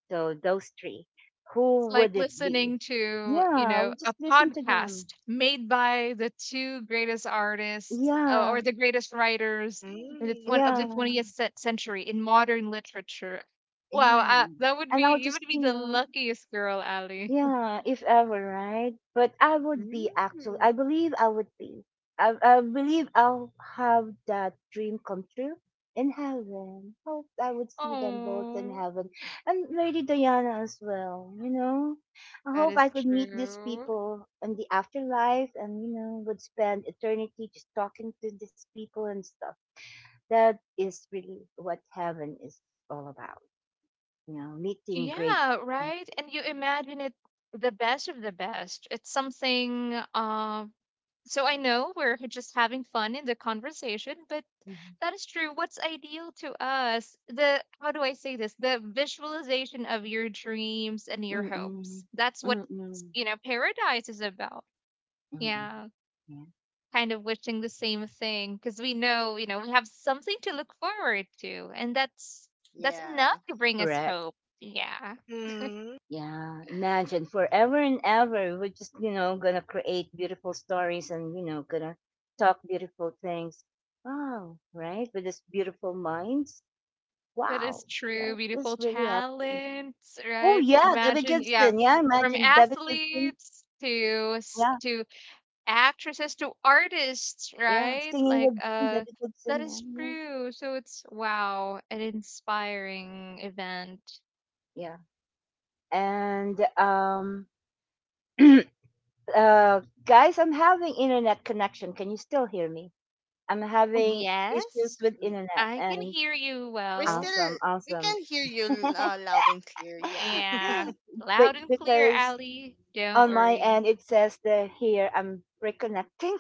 So those three, who It's like would it be? listening to, Yeah, I'll a just listen to them. podcast made by the two greatest artists or Yeah, the greatest writers in the twen- Mm-hmm. of the yeah, 20th century in modern literature. Wow, yeah. That would And be I'll you just, would be you the know, luckiest girl, Ali. yeah, if ever, right? But I would be actually, I believe I would be. I believe I'll have that dream come true in heaven. Hope I would see them both in Oh, heaven. And Lady Diana as well, you know? I that hope is I could meet these true. people in the afterlife and, you know, would spend eternity just talking to these people and stuff. That is really what heaven is all about, you know, meeting great Yeah, people. right. And you imagine it the best of the best. It's something. So I know we're just having fun in the conversation, but Mm-hmm. that is true. What's ideal to us, the how do I say this? The visualization of your dreams and your Mm. hopes. That's what, Mm. Mm. Paradise is about. Mm. Yeah, Yeah. kind of wishing the same thing because we know, we have something to look forward to, and that's enough Yeah. to bring us Correct. hope. Yeah, Mm-hmm. Yeah, imagine forever and ever. We're just, you know, gonna create beautiful stories and, you know, gonna talk beautiful things. Wow, right? With this beautiful minds. that Wow, is true. that is Beautiful really happening. talents, Oh, right? yeah, Debbie Imagine, yeah, Gibson. Yeah, from imagine Debbie Gibson. athletes to Yeah, actresses to artists, yeah, right? singing Like, with them, Debbie that Gibson. is Yeah, yeah, true. So it's wow, an inspiring event. yeah. And, [clears throat] guys, I'm having internet connection. Can you still hear me? I'm having issues Yes, with Mm. internet, I can and hear you We're well. still, awesome, we awesome. can hear you loud and clear. Yeah. [laughs] Yeah, [laughs] loud Be- and clear, because Ali. Don't on my worry. end it says that here I'm reconnecting.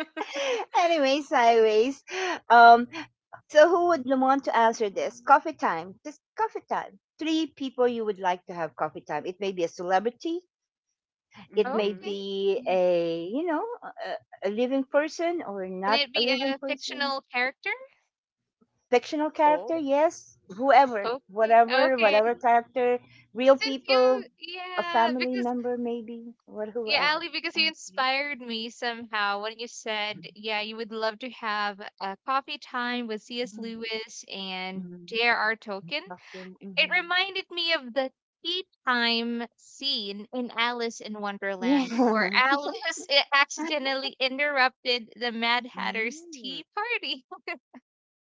[laughs] anyways, anyways. Um so who would want to answer this? Coffee time. Just coffee time. Three people you would like to have coffee time. It may be a celebrity, it may Mm-hmm. Okay. be a you know a living person or Can not it a be living a person. fictional character? Fictional character, Oh. yes, whoever, Okay. whatever, Okay. whatever character, real Since you, people, a yeah, family because member, maybe, or Yeah, whoever. Ali, because you mm inspired me somehow when you said, yeah, you would love to have a coffee time with C.S. mm, Lewis and mm, J.R.R. Tolkien. Talking. It Mhm. reminded me of the tea time scene in Alice in Yeah. Wonderland, where Alice [laughs] accidentally interrupted the Mad Hatter's Mm-hmm. tea party.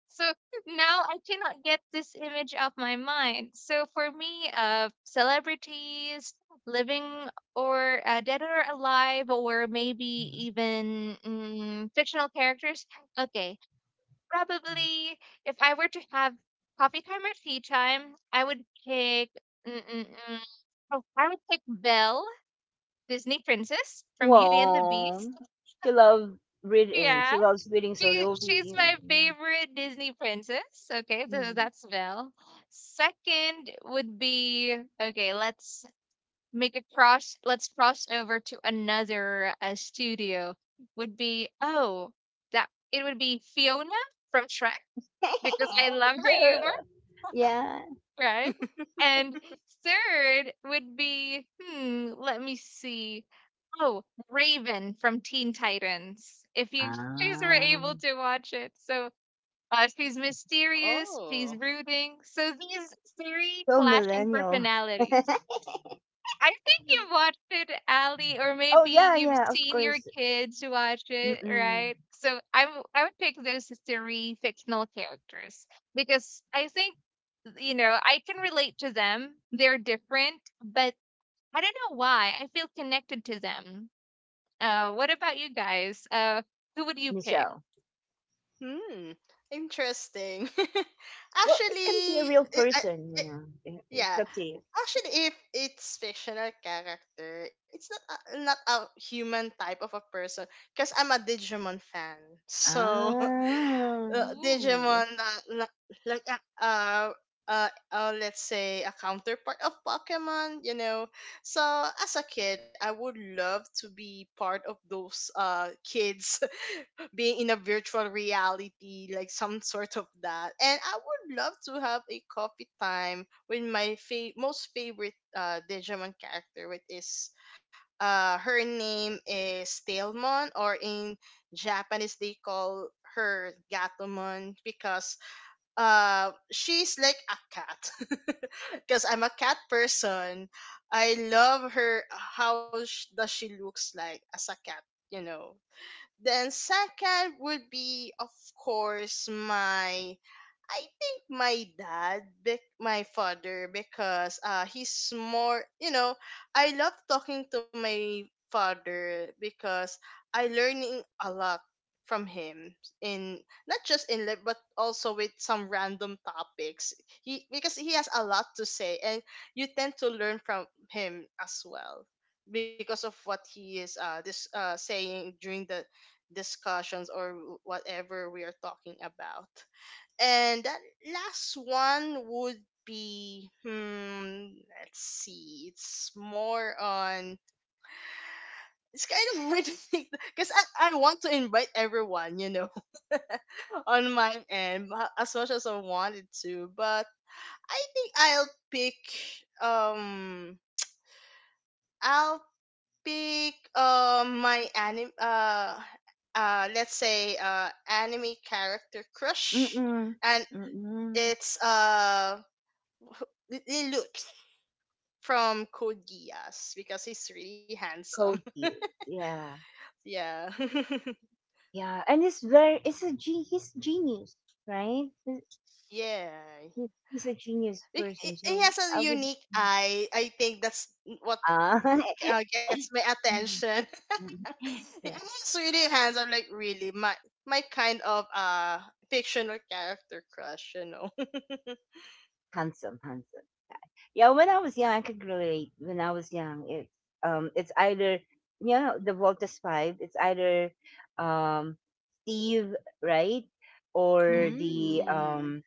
So now I cannot get this image off my mind. So for me, celebrities, living or dead or alive, or maybe even fictional characters. Okay, probably if I were to have coffee time or tea time, I would pick. Mm mm mm, oh, I would pick Belle, Disney princess [laughs] from Beauty and the well, Beast. [laughs] she loves reading, Yeah, she loves reading, so She they'll she's be, my favorite Disney princess. Okay, so mm, that's Belle. Second would be okay. Let's make a cross. Let's cross over to another studio. Would be oh that it would be Fiona from Shrek because I love her there, humor, yeah, right? And third would be hmm. Let me see. Oh, Raven from Teen Titans. If you guys were ah, able to watch it, so she's mysterious, she's Oh, brooding. So these three so clashing millennial. personalities. I think you've watched it, Ali, or Oh maybe yeah, you've yeah, of seen your course. kids watch it, Mm-mm. right? So I would pick those three fictional characters because I think, I can relate to them. They're different, but I don't know why. I feel connected to them. What about you guys? Who would you pick? Michelle. hmm, interesting. [laughs] Well, it can be Actually, a real it, I, person, you know. It's Yeah. up to you. Actually, if it's fictional character, it's not a, not a human type of a person, because I'm a Digimon fan. So, [laughs] Ah, Ooh, Digimon like like a let's say, a counterpart of Pokemon, you know. So, as a kid, I would love to be part of those kids being in a virtual reality, like some sort of that. And I would love to have a coffee time with my most favorite Digimon character, which is her name is Tailmon, or in Japanese they call her Gatomon, because she's like a cat. [laughs] Because I'm a cat person, I love her. How does she looks like as a cat? You know, then second would be, of course, my, I think my dad, my father, because he's more, you know, I love talking to my father because I learning a lot from him in not just in life but also with some random topics. He, because he has a lot to say, and you tend to learn from him as well because of what he is this saying during the discussions or whatever we are talking about. And that last one would be, hmm, let's see. It's more on. It's kind of [laughs] weird to think, because I want to invite everyone, you know, [laughs] on my end, as much as I wanted to. But I think I'll pick. Um, I'll pick. My anime. Let's say anime character crush, mm-mm, and mm-mm. it's. [laughs] Lilut from Code Geass, because he's really handsome. Code [laughs] Geass, yeah, Yeah. [laughs] yeah. And it's very, it's a he's genius, right? Yeah. He's a genius He person, he so has a I would. unique eye. I think that's what Ah, gets my [laughs] mhm, attention. mhm, [laughs] yeah, He's really handsome. Like really, my kind of fictional character crush. You know. [laughs] handsome, handsome. Yeah, when I was young, I could relate. When I was young, it's either, you know, the Voltus Five. It's either um, Steve, right, or the ooh. Mm. um,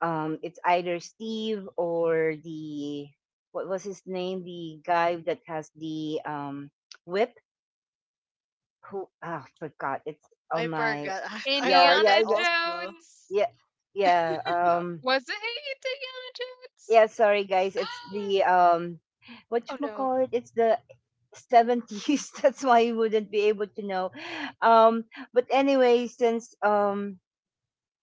um, it's either Steve or the, what was his name? The guy that has the whip. Who, ah, forgot? It's on I my, forgot. [laughs] I yeah forgot yeah Indiana yeah also. Jones. yeah, yeah, um Was it Indiana Jones? yeah. Sorry guys, it's [gasps] the what Oh you no. call it? It's the 70s. [laughs] That's why you wouldn't be able to know. Um, but anyway, since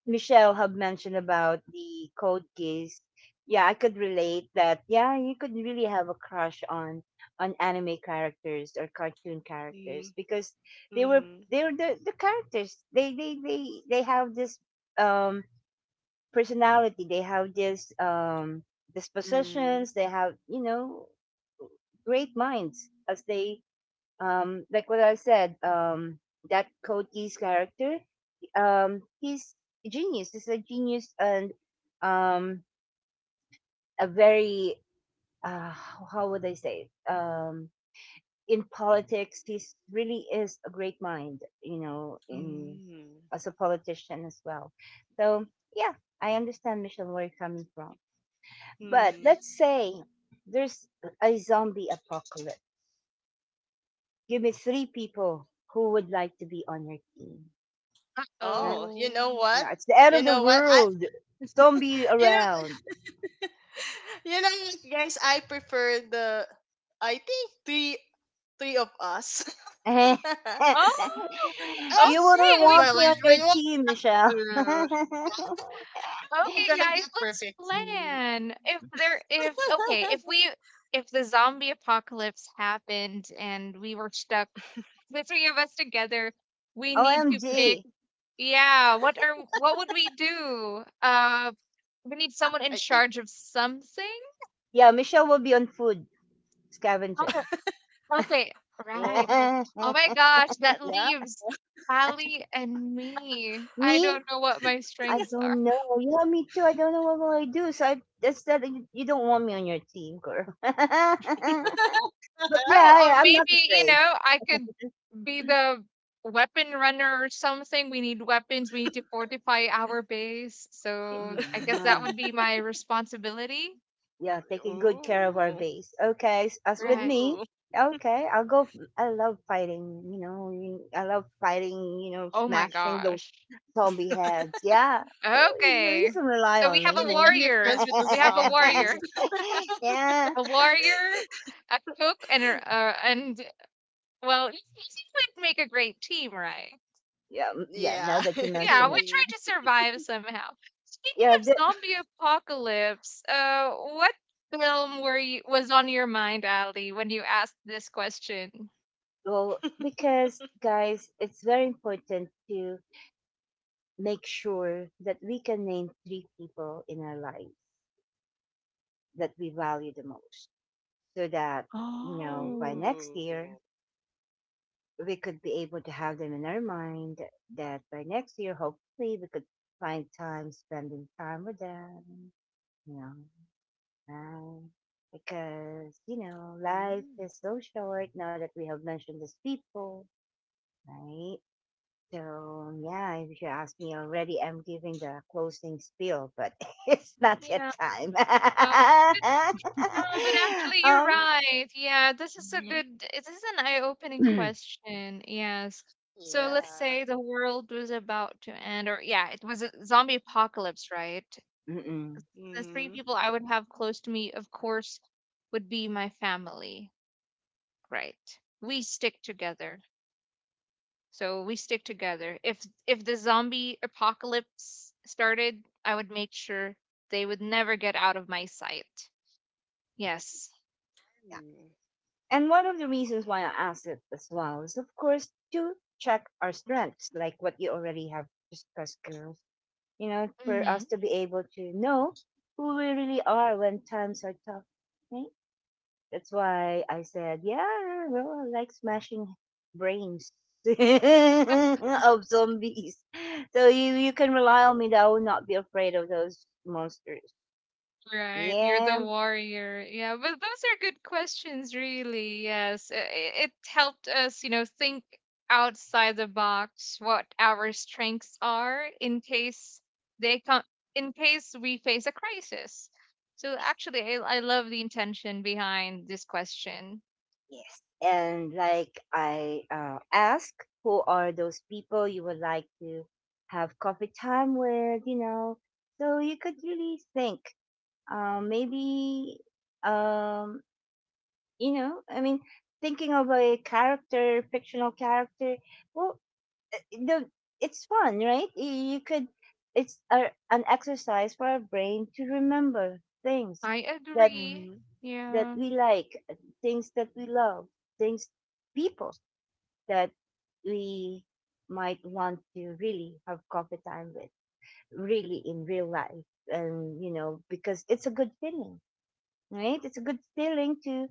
Michelle had mentioned about the Code keys, yeah, I could relate that. Yeah, you could really have a crush on anime characters or cartoon Mm, characters because they were mm, they were the characters. They have this um personality. They have this mm, dispositions. They have, you know, great minds as they, like what I said, that Cody's character, he's a genius, and um a very how would I say it? In politics he really is a great mind, you know, in, mm, as a politician as well. So yeah, I understand Michelle where you're coming from. But mm. let's say there's a zombie apocalypse, give me three people who would like to be on your team. Yeah? Oh, you Uh-oh. know what? Yeah, it's the end You of the know what? World. Zombie you know around. Guys, I prefer the. I think three of us. [laughs] you [laughs] Oh, oh, Us, wouldn't okay. We well, want me on we your want team, Michelle. to. [laughs] I'm okay, gonna be guys, a let's perfect team. plan. If there if okay, if [laughs] we if the zombie apocalypse happened and we were stuck, the three of us together, we need to pick OMG. yeah, what would we do? We need someone in I think. charge of something. Yeah, Michelle will be on food scavenging. Okay, Oh, right, right. [laughs] Oh my gosh, that yeah. leaves Ali and me. I me? don't know what my I strengths are. don't know. Yeah, me too. I don't know what will I do. So I just said you, you don't want me on your team, girl. [laughs] but yeah, Oh, or I'm not maybe, afraid. I could be the weapon runner or something. We need weapons, we need to fortify our base. So I guess that Yeah. [laughs] would be my responsibility. Yeah, taking good care of our Ooh, base. Okay, as with Right. me, ooh. okay, I'll go. I love fighting, you know, I love fighting, you know, Oh my smashing those gosh. zombie heads. Yeah, so you know, you Okay. can rely So we on I have me, think a we can maybe. be warrior. friends with the We have a warrior. zombies. [laughs] [laughs] yeah, A warrior, a cook, and well, [laughs] it would make a great team, right? Yeah. Now Yeah, that you [laughs] Yeah, mention we it, try indeed. to survive somehow. Speaking yeah, of the, zombie apocalypse, what film were you was on your mind, Ali, when you asked this question? well, because guys, it's very important to make sure that we can name three people in our lives that we value the most so that you know by Oh. next Ooh. year we could be able to have them in our mind, that by next year hopefully we could find time spending time with them, you know, right? Because you know life Mm. is so short now that we have mentioned these people, right? So yeah, if you ask me already I'm giving the closing spiel, but [laughs] it's not yet Yeah, time. [laughs] well, but no, but actually, you're um right. Yeah, this is an eye-opening [clears throat] question. Yes. So let's Yeah. say the world was about to end, or yeah, it was a zombie apocalypse, right? mm-mm. The three Mm-hmm. people I would have close to me, of course, would be my family. Right. We stick together. If the zombie apocalypse started, I would make sure they would never get out of my sight. Yes. And one of the reasons why I asked it as well is, of course, to check our strengths, like what you already have discussed, girls. You know, for Mm-hmm. us to be able to know who we really are when times are tough. Right? That's why I said, yeah, well, I really like smashing brains [laughs] of zombies. So you can rely on me that I will not be afraid of those monsters. Right, you're the Yeah. warrior. Yeah, but those are good questions, really. Yes, it helped us, think outside the box what our strengths are in case they come, in case we face a crisis. So actually, I love the intention behind this question. Yes. And like I ask, who are those people you would like to have coffee time with, you know? So you could really think, um, maybe, um, you know, I mean, thinking of a character, fictional character, well, uh, the, it's fun, right? You could, it's a, an exercise for our brain to remember things I that, Mm-hmm. agree. that Yeah. we like, things that we love, things, people that we might want to really have coffee time with, really in real life. And, you know, because it's a good feeling, right? It's a good feeling to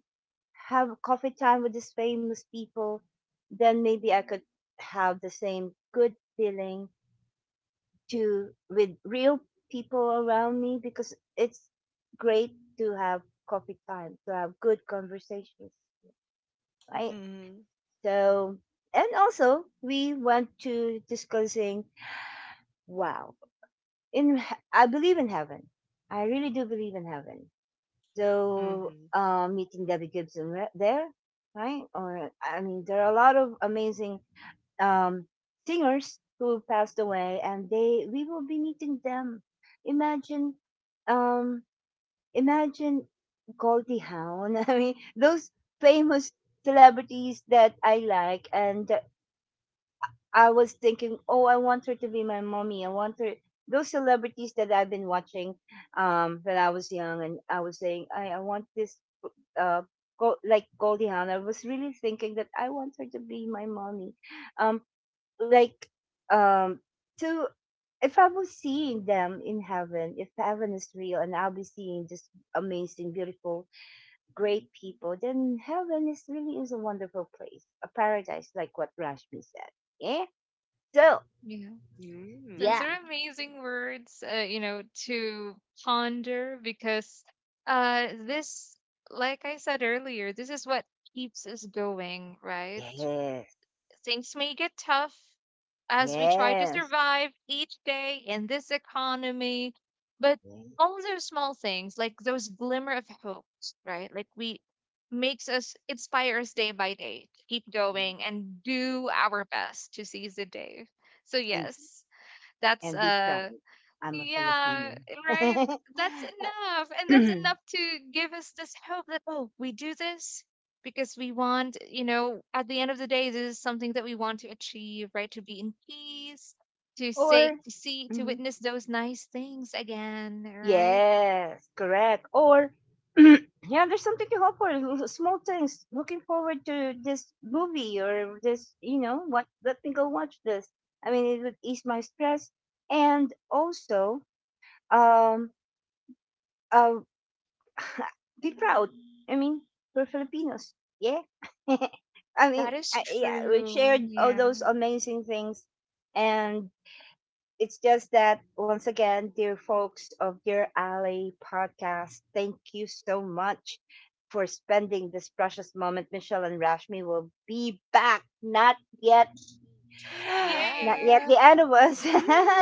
have coffee time with these famous people. Then maybe I could have the same good feeling to with real people around me because it's great to have coffee time, to have good conversations, right? Mm-hmm. So, and also we want to discussing. Wow. I believe in heaven. I really do believe in heaven. Mm-hmm. So meeting Debbie Gibson there, right? Or I mean, there are a lot of amazing um, singers who passed away, and they we will be meeting them. Imagine, um, imagine Goldie Hawn. [laughs] I mean, those famous celebrities that I like, and I was thinking, oh, I want her to be my mommy. I want her, those celebrities that I've been watching when I was young, and I was saying, I want this uh go like Goldie Hawn. I was really thinking that I want her to be my mommy. Um, like um to if I was seeing them in heaven, if heaven is real, and I'll be seeing just amazing, beautiful, great people, then heaven is really is a wonderful place, a paradise, like what Rashmi said. Yeah. So Yeah. Mm. Those yeah. are amazing words, you know, to ponder because this, like I said earlier, this is what keeps us going, right? Yes, Things may get tough as we try to yes. survive each day in this economy, but Yes. all those small things, like those glimmer of hope, right? Like we makes us inspire us day by day to keep going and do our best to seize the day. So In- yes, that's And be proud. I'm a yeah, Filipino. right. [laughs] That's enough. And that's enough to give us this hope that, oh, we do this because we want, at the end of the day, this is something that we want to achieve, right? To be in peace, to say, Or, to see, to mhm, witness those nice things again, right? yes, correct. Or, [clears throat] yeah, there's something to hope for. Small things. Looking forward to this movie or this, you know, what, let me go watch this. I mean, it would ease my stress. And also, um, uh, [sighs] [laughs] be proud. I mean, we're Filipinos. Yeah. [laughs] I mean, That is yeah, we true. shared all Yeah. those amazing things. And it's just that, once again, dear folks of Dear Alley podcast, thank you so much for spending this precious moment. Michelle and Rashmi will be back. Not yet. [sighs] Not Yay. Yeah. yet the end of us.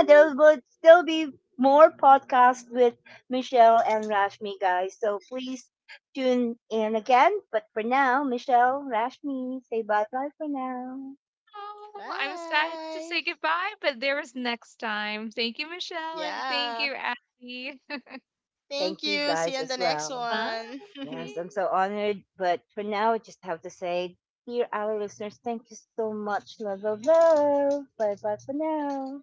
[laughs] There will still be more podcasts with Michelle and Rashmi, guys. So please tune in again. But for now, Michelle, Rashmi, say bye bye for now. Oh, I'm sad to Bye. say goodbye, but there is next time. Thank you, Michelle, and thank Yeah. you, Abby. [laughs] Thank Thank you you. See you guys on as the next well. Bye. one. Yes, I'm [laughs] so honored. But for now, I just have to say, dear our listeners, thank you so much. Love, love, love. Bye bye for now.